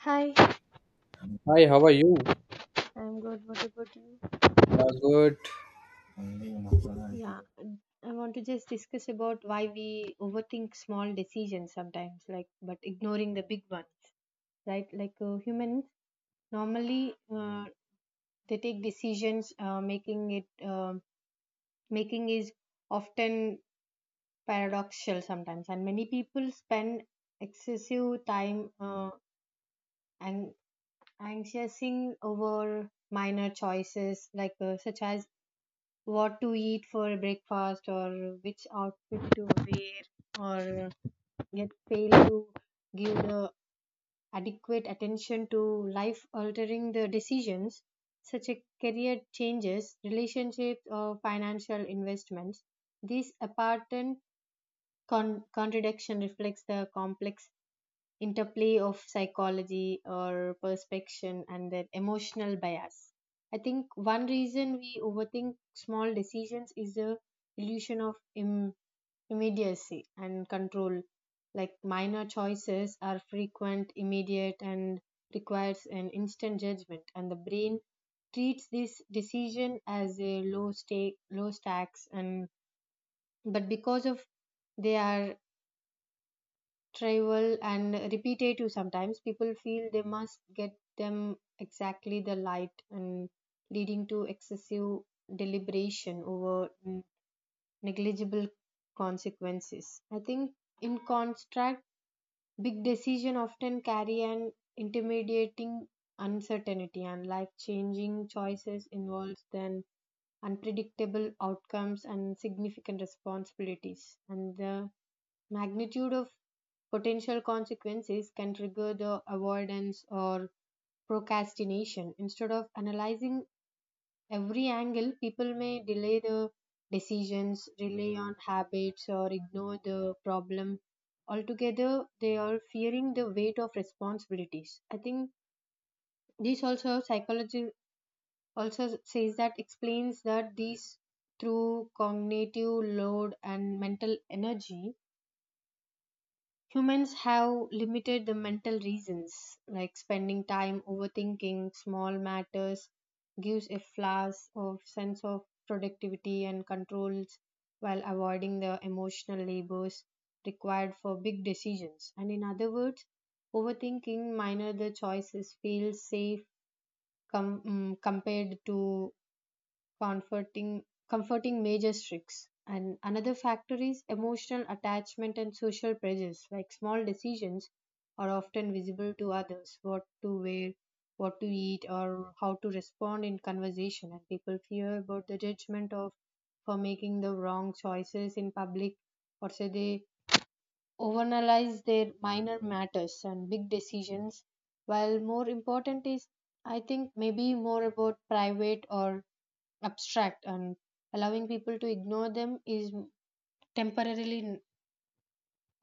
Hi, Hi, how are you? I'm good. What about you? Good. Yeah, I want to just discuss about why we overthink small decisions sometimes, like, but ignoring the big one, right? Like humans normally they take decisions, making is often paradoxical sometimes, and many people spend excessive time, and anxiousing over minor choices such as what to eat for breakfast or which outfit to wear, or yet fail to give the adequate attention to life altering the decisions such as career changes, relationships, or financial investments. This apparent contradiction reflects the complex interplay of psychology or perspection and their emotional bias. I think one reason we overthink small decisions is the illusion of immediacy and control. Like minor choices are frequent, immediate, and requires an instant judgment, and the brain treats this decision as a low stake, low stacks, and but because of they are trivial and repetitive, sometimes people feel they must get them exactly the light and leading to excessive deliberation over negligible consequences. I think in contrast, big decision often carry an intimidating uncertainty, and life changing choices involves then unpredictable outcomes and significant responsibilities, and the magnitude of potential consequences can trigger the avoidance or procrastination. Instead of analyzing every angle, people may delay the decisions, rely on habits, or ignore the problem altogether. They are fearing the weight of responsibilities. I think this also psychology also says that explains that these through cognitive load and mental energy, humans have limited the mental reasons, like spending time overthinking small matters gives a flash of sense of productivity and controls while avoiding the emotional labors required for big decisions. And in other words, overthinking minor the choices feels safe compared to comforting comforting major tricks. And another factor is emotional attachment and social pressures, like small decisions are often visible to others, what to wear, what to eat, or how to respond in conversation, and people fear about the judgment of for making the wrong choices in public, or say they overanalyze their minor matters and big decisions. While more important is, I think, maybe more about private or abstract, and allowing people to ignore them is temporarily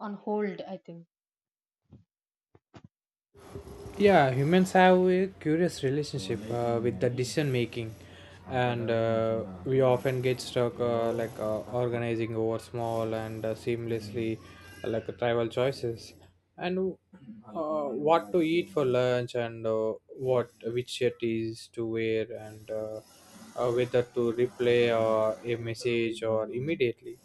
on hold, I think. Yeah, humans have a curious relationship with the decision making, and we often get stuck organizing over small and seamlessly like tribal choices, and what to eat for lunch and what which shirt is to wear and whether to replay or a message or immediately.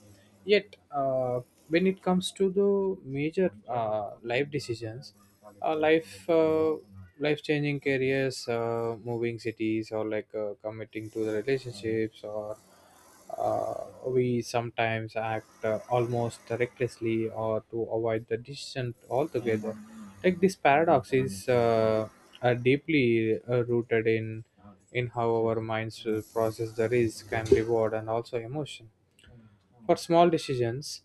Yet, when it comes to the major life decisions, uh, life uh, life changing careers, moving cities, or committing to the relationships, or uh, we sometimes act almost recklessly or to avoid the decision altogether. Like this paradox is deeply rooted in how our minds will process the risk and reward and also emotion. For small decisions,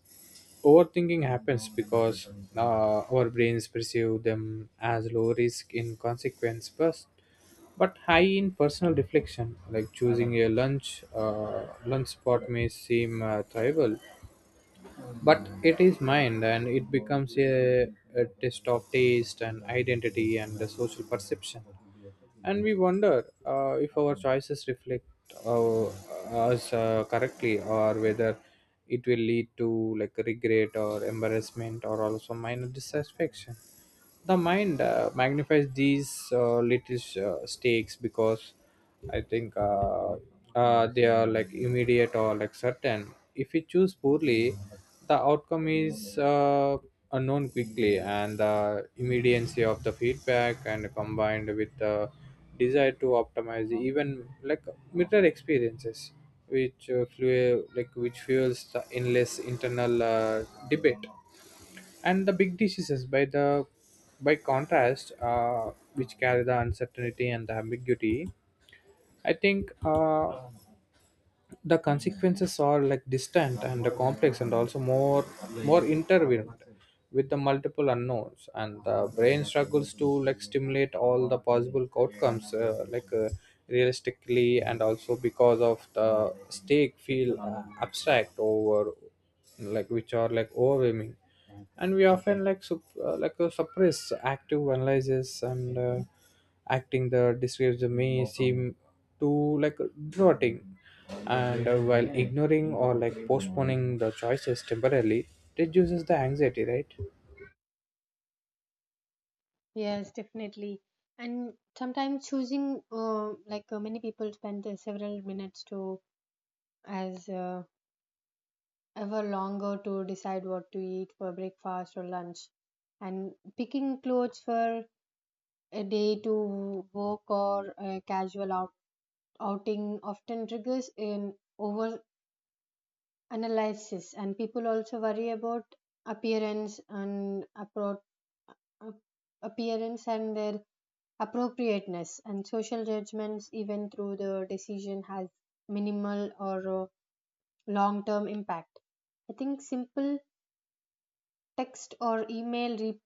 overthinking happens because our brains perceive them as low risk in consequence first, but high in personal reflection. Like choosing a lunch spot may seem trivial, but it is mind and it becomes a test of taste and identity and the social perception, and we wonder if our choices reflect uh, us correctly or whether it will lead to like regret or embarrassment or also minor dissatisfaction. The mind magnifies these little stakes because I think they are like immediate or like certain. If we choose poorly, the outcome is unknown quickly, and the immediacy of the feedback and combined with the desire to optimize even like mirror experiences, which fuel like which fuels the endless internal debate. And the big diseases by the by contrast which carry the uncertainty and the ambiguity. I think the consequences are like distant and the complex and also more intervened with the multiple unknowns, and the brain struggles to like stimulate all the possible outcomes realistically, and also because of the stake feel abstract over like which are like overwhelming, and we often suppress active analysis and acting the describes may seem too like drotting, and while ignoring or like postponing the choices temporarily reduces the anxiety, right? Yes, definitely. And sometimes choosing, many people spend several minutes to as ever longer to decide what to eat for breakfast or lunch, and picking clothes for a day to work or a casual outing often triggers an over analysis. And people also worry about appearance and ap- appearance and their appropriateness and social judgments, even through the decision has minimal or long term impact. I think simple text or email re-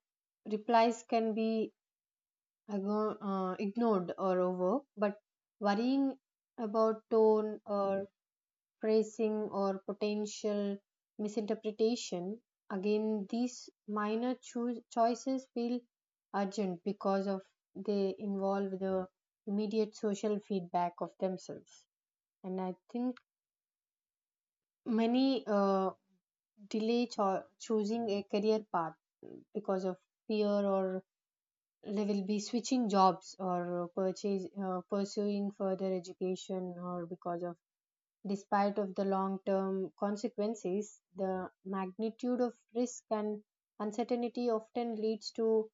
replies can be ignored or over, but worrying about tone or phrasing or potential misinterpretation. Again, these minor choices feel urgent because of they involve the immediate social feedback of themselves. And I think many delay choosing a career path because of fear, or they will be switching jobs or purchase pursuing further education, or because of, despite of the long-term consequences, the magnitude of risk and uncertainty often leads to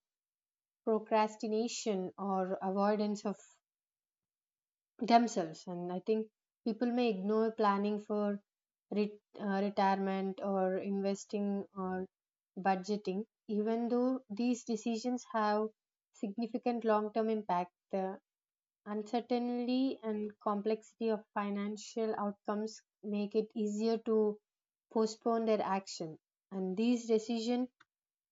procrastination or avoidance of themselves. And I think people may ignore planning for retirement or investing or budgeting, even though these decisions have significant long-term impact. The uncertainty and complexity of financial outcomes make it easier to postpone their action. And these decisions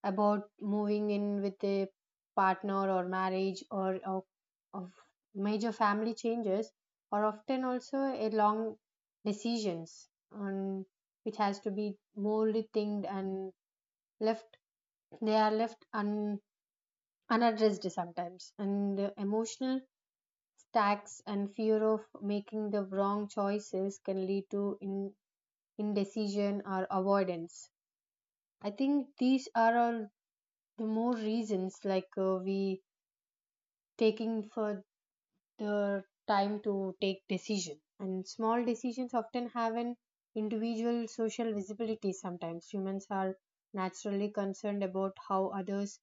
about moving in with a partner or marriage, or of major family changes, are often also a long decisions on which has to be more rethink, and left they are left unaddressed sometimes, and the emotional tax and fear of making the wrong choices can lead to indecision or avoidance. I think these are all the more reasons, we taking for the time to take decision. And small decisions often have an individual social visibility sometimes. Humans are naturally concerned about how others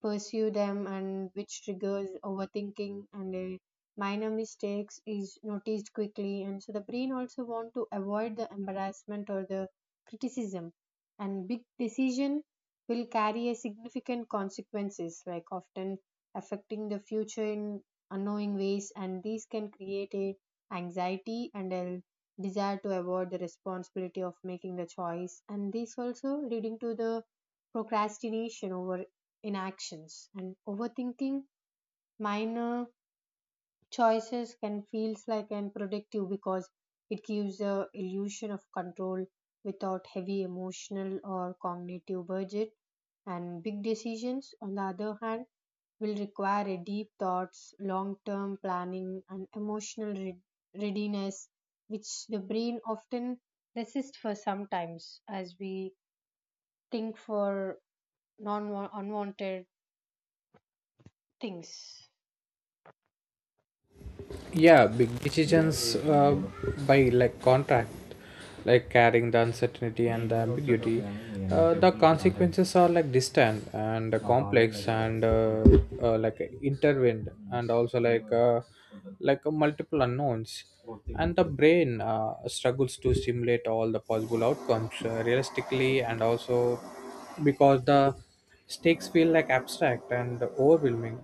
pursue them, and which triggers overthinking, and a minor mistakes is noticed quickly, and so the brain also want to avoid the embarrassment or the criticism. And big decision will carry a significant consequences, like often affecting the future in unknowing ways, and these can create a anxiety and a desire to avoid the responsibility of making the choice, and this also leading to the procrastination over inactions. And overthinking minor choices can feels like and productive because it gives the illusion of control without heavy emotional or cognitive budget. And big decisions on the other hand will require a deep thoughts, long term planning, and emotional readiness, which the brain often resists for sometimes as we think for non unwanted things. Yeah, big decisions by like contract like carrying the uncertainty and the ambiguity. The consequences are like distant and complex and like intertwined and also multiple unknowns. And the brain struggles to simulate all the possible outcomes realistically, and also because the stakes feel like abstract and overwhelming.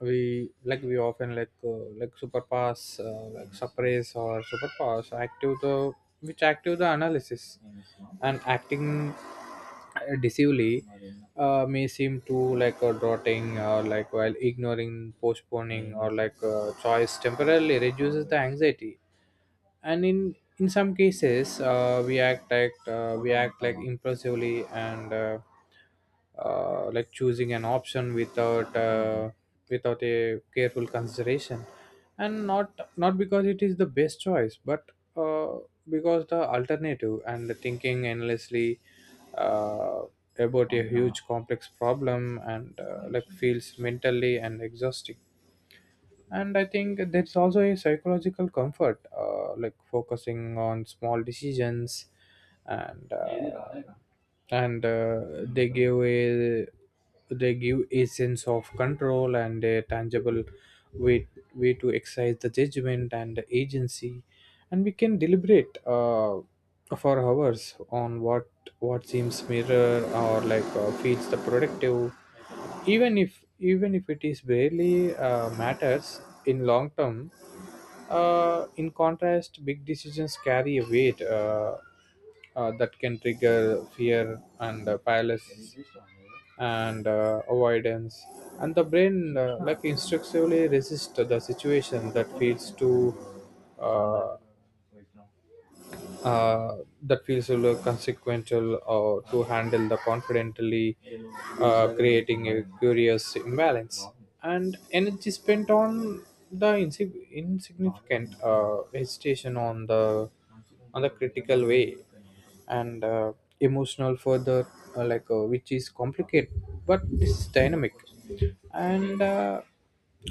We often superpass like suppress or superpass active the which active the analysis and acting decisively may seem to like dotting, or like while ignoring postponing or like choice temporarily reduces the anxiety. And in some cases we act like impulsively and like choosing an option without without a careful consideration, and not because it is the best choice but uh, because the alternative and thinking endlessly uh, about a huge complex problem and like feels mentally and exhausting. And I think there's also a psychological comfort like focusing on small decisions and uh, and they give a they give a sense of control and a tangible way way to exercise the judgment and agency. And we can deliberate for hours on what seems mirror or like feels the productive, even if even if it is barely matters in long term. In contrast, big decisions carry a weight that can trigger fear and paralysis and avoidance. And the brain like instinctively resists the situation that feels too uh, uh, that feels a little consequential or to handle the confidently, creating a curious imbalance and energy spent on the insignificant hesitation on the critical way and emotional further, which is complicated. But this is dynamic, and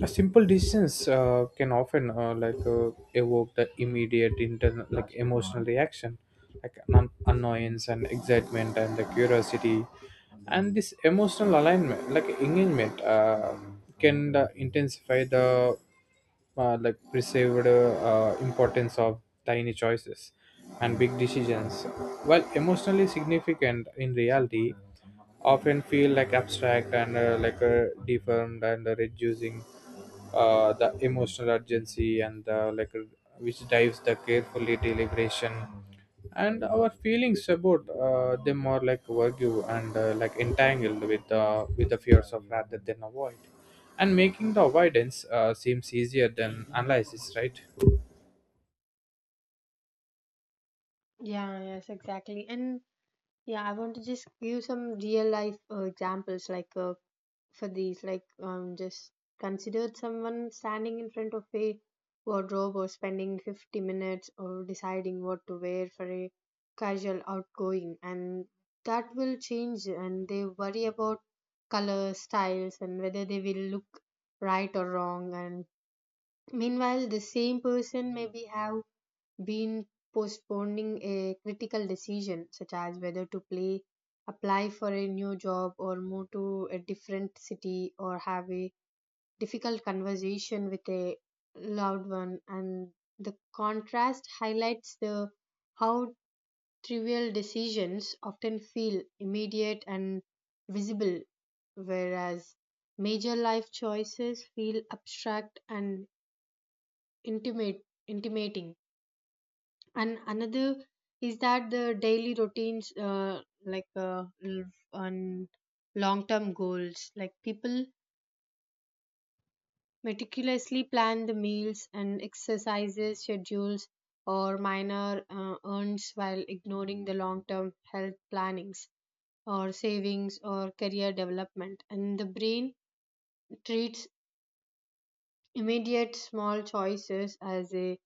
a simple decisions can often evoke the immediate internal like emotional reaction, like an annoyance and excitement and the curiosity, and this emotional alignment like engagement can intensify the like perceived importance of tiny choices. And big decisions, while emotionally significant in reality, often feel like abstract and deformed and reducing the emotional urgency and which drives the carefully deliberation, and our feelings about them are like argue and like entangled with the fears of rather than avoid, and making the avoidance seems easier than analysis, right? Yeah, yes, exactly. And yeah, I want to just give some real life examples for these, just considered someone standing in front of a wardrobe or spending 50 minutes or deciding what to wear for a casual outgoing, and that will change. And they worry about color, styles, and whether they will look right or wrong. And meanwhile, the same person maybe have been postponing a critical decision, such as whether to play, apply for a new job, or move to a different city, or have a difficult conversation with a loved one. And the contrast highlights the how trivial decisions often feel immediate and visible, whereas major life choices feel abstract and intimate, intimating. And another is that the daily routines, on long term goals, like people meticulously plan the meals and exercises schedules or minor earns while ignoring the long term health plannings or savings or career development, and the brain treats immediate small choices as a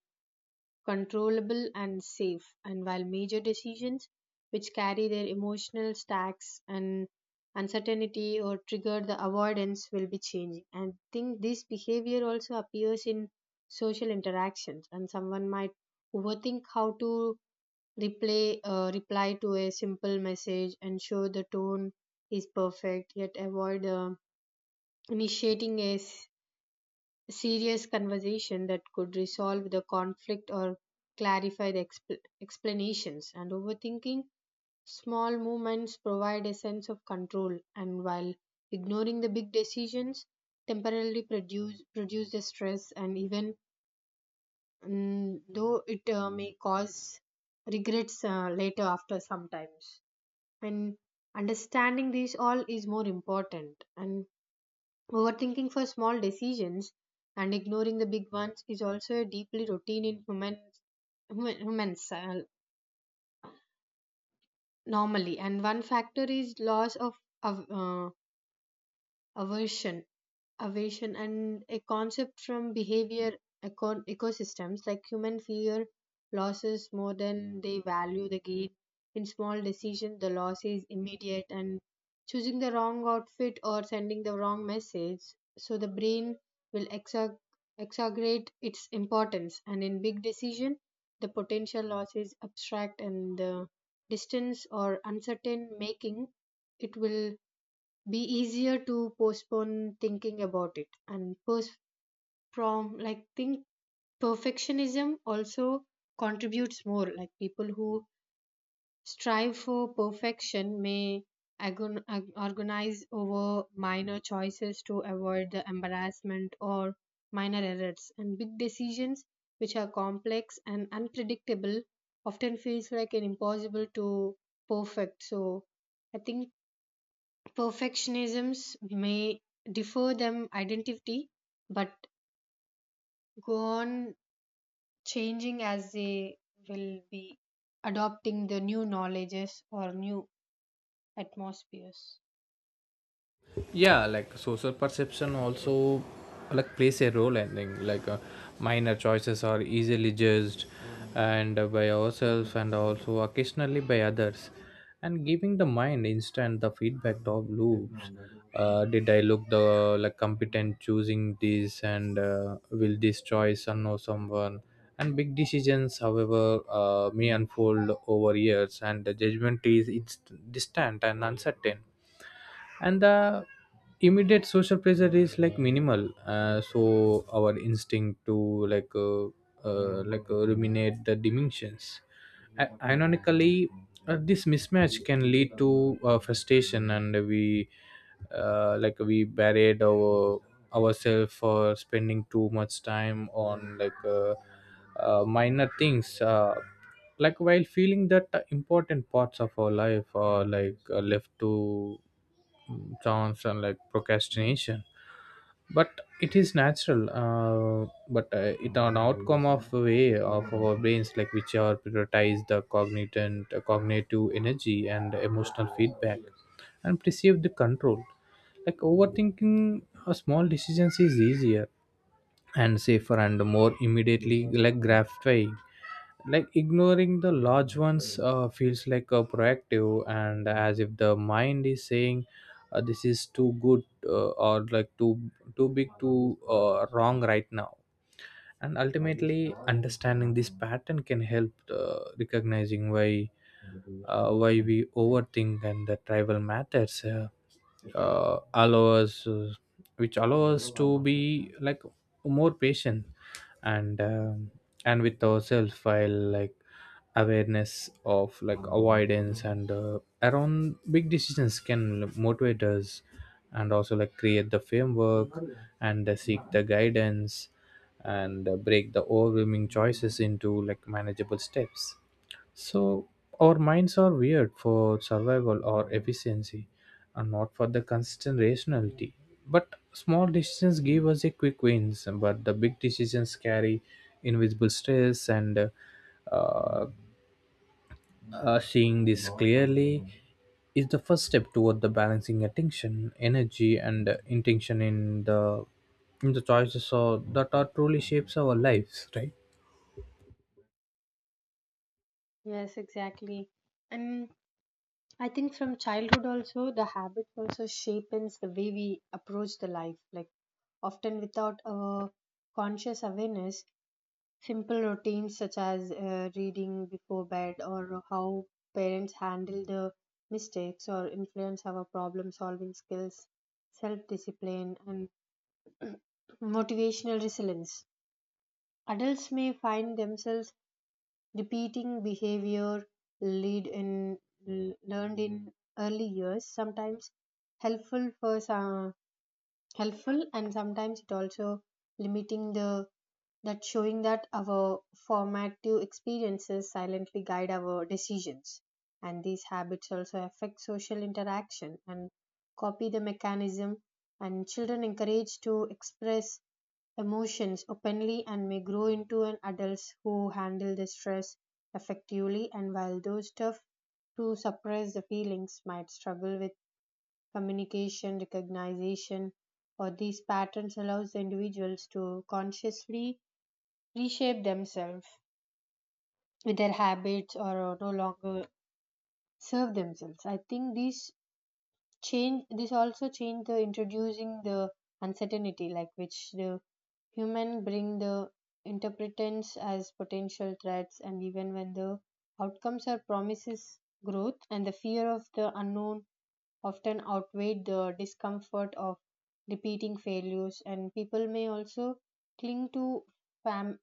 controllable and safe. And while major decisions which carry their emotional stacks and uncertainty or trigger the avoidance will be changing. And I think this behavior also appears in social interactions, and someone might overthink how to reply to a simple message and show the tone is perfect, yet avoid initiating a serious conversation that could resolve the conflict or clarify the explanations, and overthinking small movements provide a sense of control, and while ignoring the big decisions temporarily produce the stress. And even though it may cause regrets later after sometimes. And understanding these all is more important. And overthinking for small decisions and ignoring the big ones is also a deeply routine in humans normally. And one factor is loss of aversion aversion, and a concept from behavior ecosystems, like human fear losses more than they value the gain. In small decisions, the loss is immediate and choosing the wrong outfit or sending the wrong message, so the brain will exaggerate its importance. And in big decision, the potential loss is abstract and the distance or uncertain, making it will be easier to postpone thinking about it and post from like think. Perfectionism also contributes more, like people who strive for perfection may organize over minor choices to avoid the embarrassment or minor errors. And big decisions which are complex and unpredictable often feels like an impossible to perfect. So I think perfectionisms may defer them identity, but go on changing as they will be adopting the new knowledges or new atmospheres. Yeah, like social perception also like plays a role. I think minor choices are easily judged and by ourselves and also occasionally by others, and giving the mind instant the feedback of loops. Did I look the like competent choosing this, and will this choice unknow someone? And big decisions, however, may unfold over years, and the judgment is it's distant and uncertain. And the immediate social pressure is like minimal, so our instinct to ruminate the dimensions. I- ironically, this mismatch can lead to frustration, and we buried our ourselves for spending too much time on minor things like while feeling that the important parts of our life are like left to chance and like procrastination. But it is natural, but it an outcome of a way of our brains like which are prioritize the cognitive energy and emotional feedback and perceive the control. Like overthinking a small decisions is easier and safer and more immediately like gratifying, like ignoring the large ones feels like a proactive and as if the mind is saying, this is too good, or too big too wrong right now. And ultimately understanding this pattern can help recognizing why we overthink and the tribal matters allow us which allow us to be like more patient and um, and with ourselves while like awareness of like avoidance and around big decisions can motivate us, and also like create the framework and seek the guidance, and break the overwhelming choices into like manageable steps. So our minds are weird for survival or efficiency, and not for the consistent rationality. But small decisions give us a quick wins, but the big decisions carry invisible stress, and uh, seeing this clearly is the first step toward the balancing attention, energy and intention in the choices so that are truly shapes our lives, right? Yes, exactly. And I think from childhood also, the habit also shapes the way we approach the life, like often without a conscious awareness. Simple routines such as reading before bed or how parents handle the mistakes or influence our problem solving skills, self discipline, and motivational resilience. Adults may find themselves repeating behavior lead in, learned in early years, sometimes helpful for some, helpful and sometimes it also limiting the that showing that our formative experiences silently guide our decisions. And these habits also affect social interaction and copy the mechanism. And children encouraged to express emotions openly and may grow into an adults who handle the stress effectively, and while those tough to suppress the feelings might struggle with communication recognition, or these patterns allows the individuals to consciously reshape themselves with their habits or no longer serve themselves. I think these change, this also change the introducing the uncertainty, like which the human bring the interpretants as potential threats. And even when the outcomes are promises growth and the fear of the unknown often outweigh the discomfort of repeating failures, and people may also cling to fam-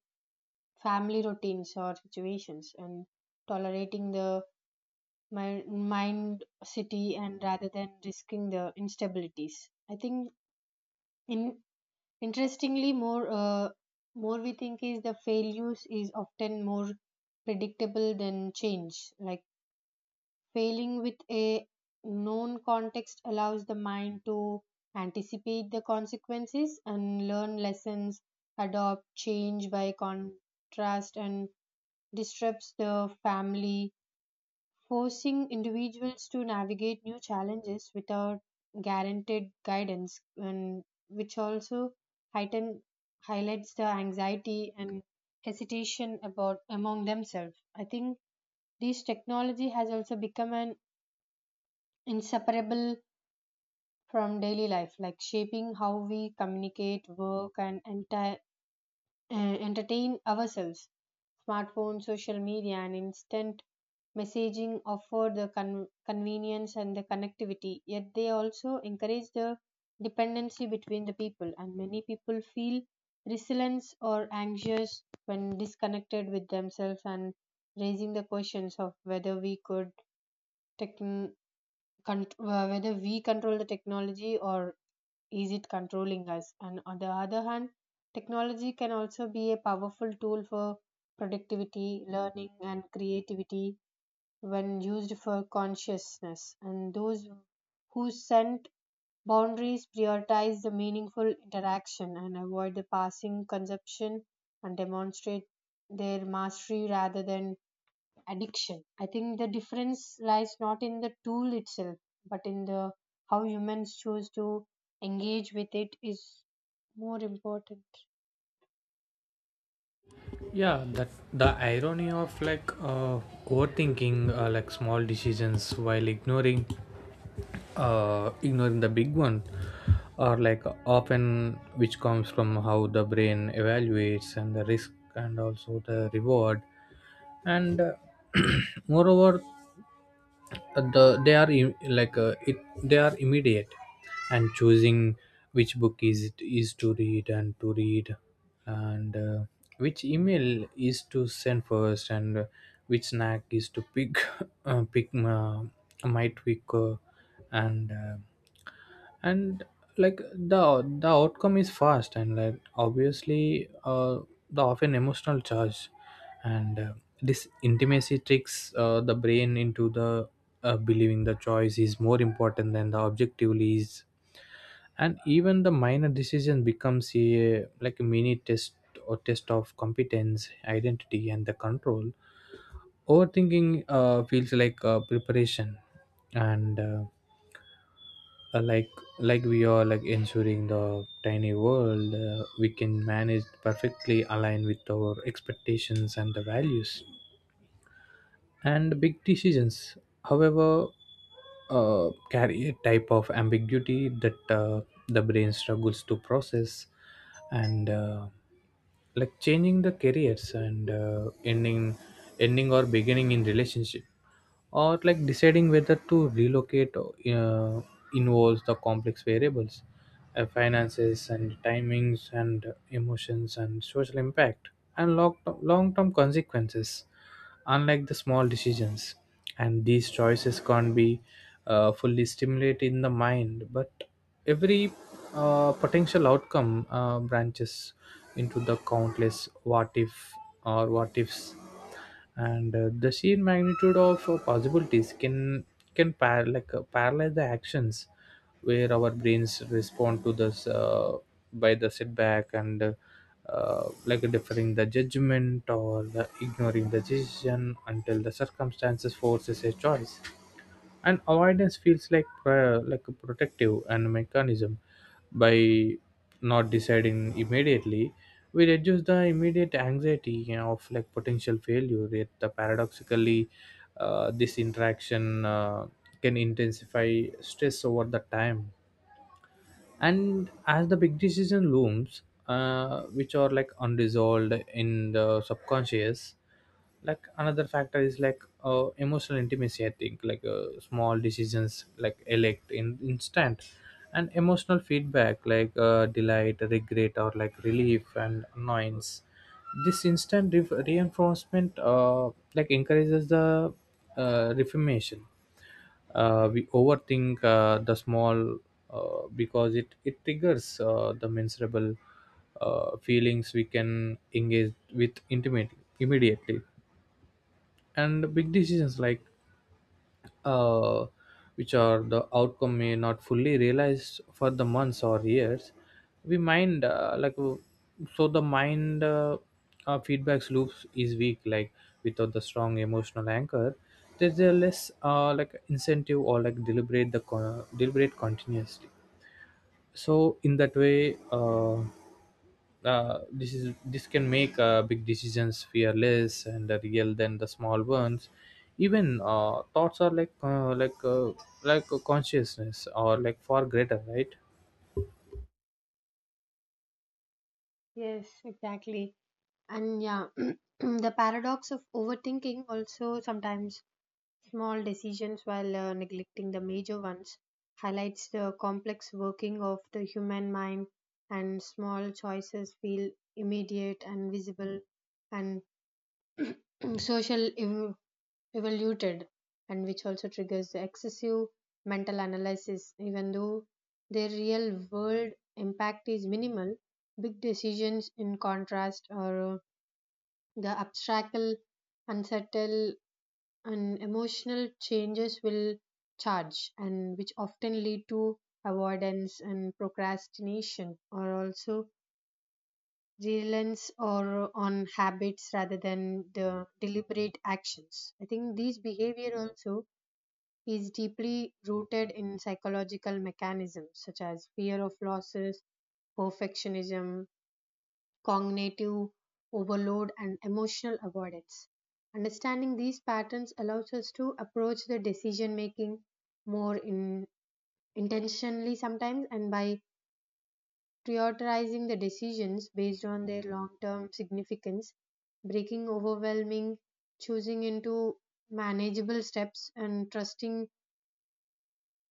family routines or situations and tolerating the mind city and rather than risking the instabilities. I think in interestingly, more we think is, the failures is often more predictable than change. Like failing with a known context allows the mind to anticipate the consequences and learn lessons. Adopt change by contrast and disrupts the family, forcing individuals to navigate new challenges without guaranteed guidance, and which also heighten, highlights the anxiety and hesitation about among themselves. I think this technology has also become an inseparable from daily life, like shaping how we communicate, work, and enti- uh, entertain ourselves. Smartphones, social media, and instant messaging offer the convenience and the connectivity, yet they also encourage the dependency between the people, and many people feel resilience or anxious when disconnected with themselves and raising the questions of whether we could tech cont- whether we control the technology or is it controlling us? And on the other hand, technology can also be a powerful tool for productivity, learning, and creativity when used for consciousness. And those who send boundaries prioritize the meaningful interaction and avoid the passing consumption and demonstrate their mastery rather than addiction. I think the difference lies not in the tool itself, but in the how humans choose to engage with it is more important. Yeah, that the irony of overthinking like small decisions while ignoring ignoring the big one or like often which comes from how the brain evaluates and the risk and also the reward, and moreover the they are im- like it they are immediate and choosing which book is to read and which email is to send first and which snack is to pick pick might pick and uh, and like the outcome is fast and like obviously the often emotional charge. And this intimacy tricks the brain into the believing the choice is more important than the objectively is, and even the minor decision becomes a like a mini test or test of competence identity and the control. Overthinking feels like preparation and uh, like like we are like ensuring the tiny world we can manage perfectly align with our expectations and the values. And big decisions, however, carry a type of ambiguity that the brain struggles to process, and like changing the careers and ending or beginning in relationship or like deciding whether to relocate involves the complex variables, finances and timings and emotions and social impact and long-term consequences unlike the small decisions. And these choices can't be fully stimulated in the mind, but every potential outcome branches into the countless what if or what ifs, and the sheer magnitude of possibilities can paralyze the actions, where our brains respond to this by the setback and like deferring the judgment or the ignoring the decision until the circumstances forces a choice, and avoidance feels like a protective and mechanism. By not deciding immediately, we reduce the immediate anxiety, you know, of like potential failure, yet the paradoxically this interaction can intensify stress over the time, and as the big decision looms which are like unresolved in the subconscious. Like another factor is emotional intimacy. I think small decisions like elect in instant and emotional feedback delight regret or like relief and annoyance. This instant reinforcement like encourages the reformation. We overthink the small because it triggers the miserable feelings we can engage with intimately immediately. And big decisions like uh, which are the outcome may not fully realized for the months or years. We mind like So the mind feedbacks loops is weak, like without the strong emotional anchor there's a less like incentive or like deliberate deliberate continuously. So in that way, this can make big decisions fearless and real than the small ones, even thoughts are like a consciousness or like far greater, right? Yes, exactly. And yeah, the paradox of overthinking also sometimes small decisions while neglecting the major ones highlights the complex working of the human mind. And small choices feel immediate and visible and social evaluated, and which also triggers the excessive mental analysis even though their real world impact is minimal. Big decisions in contrast or the abstract unsettled, and emotional changes will charge, and which often lead to avoidance and procrastination or also reliance or on habits rather than the deliberate actions. I think these behavior also is deeply rooted in psychological mechanisms such as fear of losses, perfectionism, cognitive overload, and emotional avoidance. Understanding these patterns allows us to approach the decision making more intentionally sometimes, and by prioritizing the decisions based on their long term significance, breaking overwhelming, choosing into manageable steps, and trusting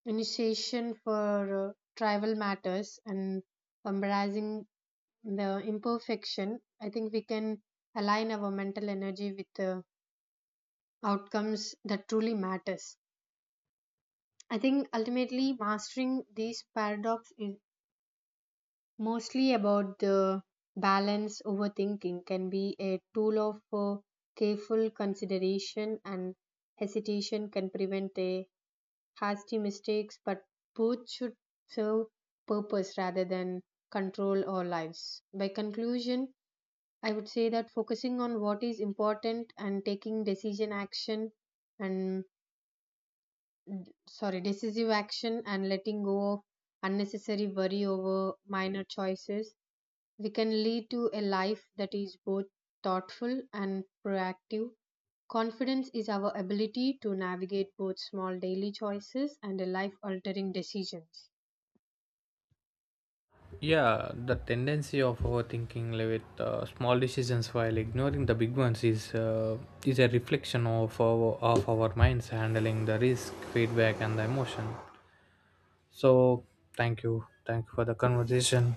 initiation for tribal matters and embracing the imperfection, I think we can align our mental energy with the outcomes that truly matters. I think ultimately mastering these paradox is mostly about the balance. Overthinking can be a tool of careful consideration, and hesitation can prevent a hasty mistakes, but both should serve purpose rather than control our lives. By conclusion, I would say that focusing on what is important and taking decision action and sorry, decisive action, and letting go of unnecessary worry over minor choices, we can lead to a life that is both thoughtful and proactive. Confidence is our ability to navigate both small daily choices and life altering decisions. Yeah, the tendency of overthinking like, with small decisions while ignoring the big ones is a reflection of our minds handling the risk feedback and the emotion. So thank you for the conversation.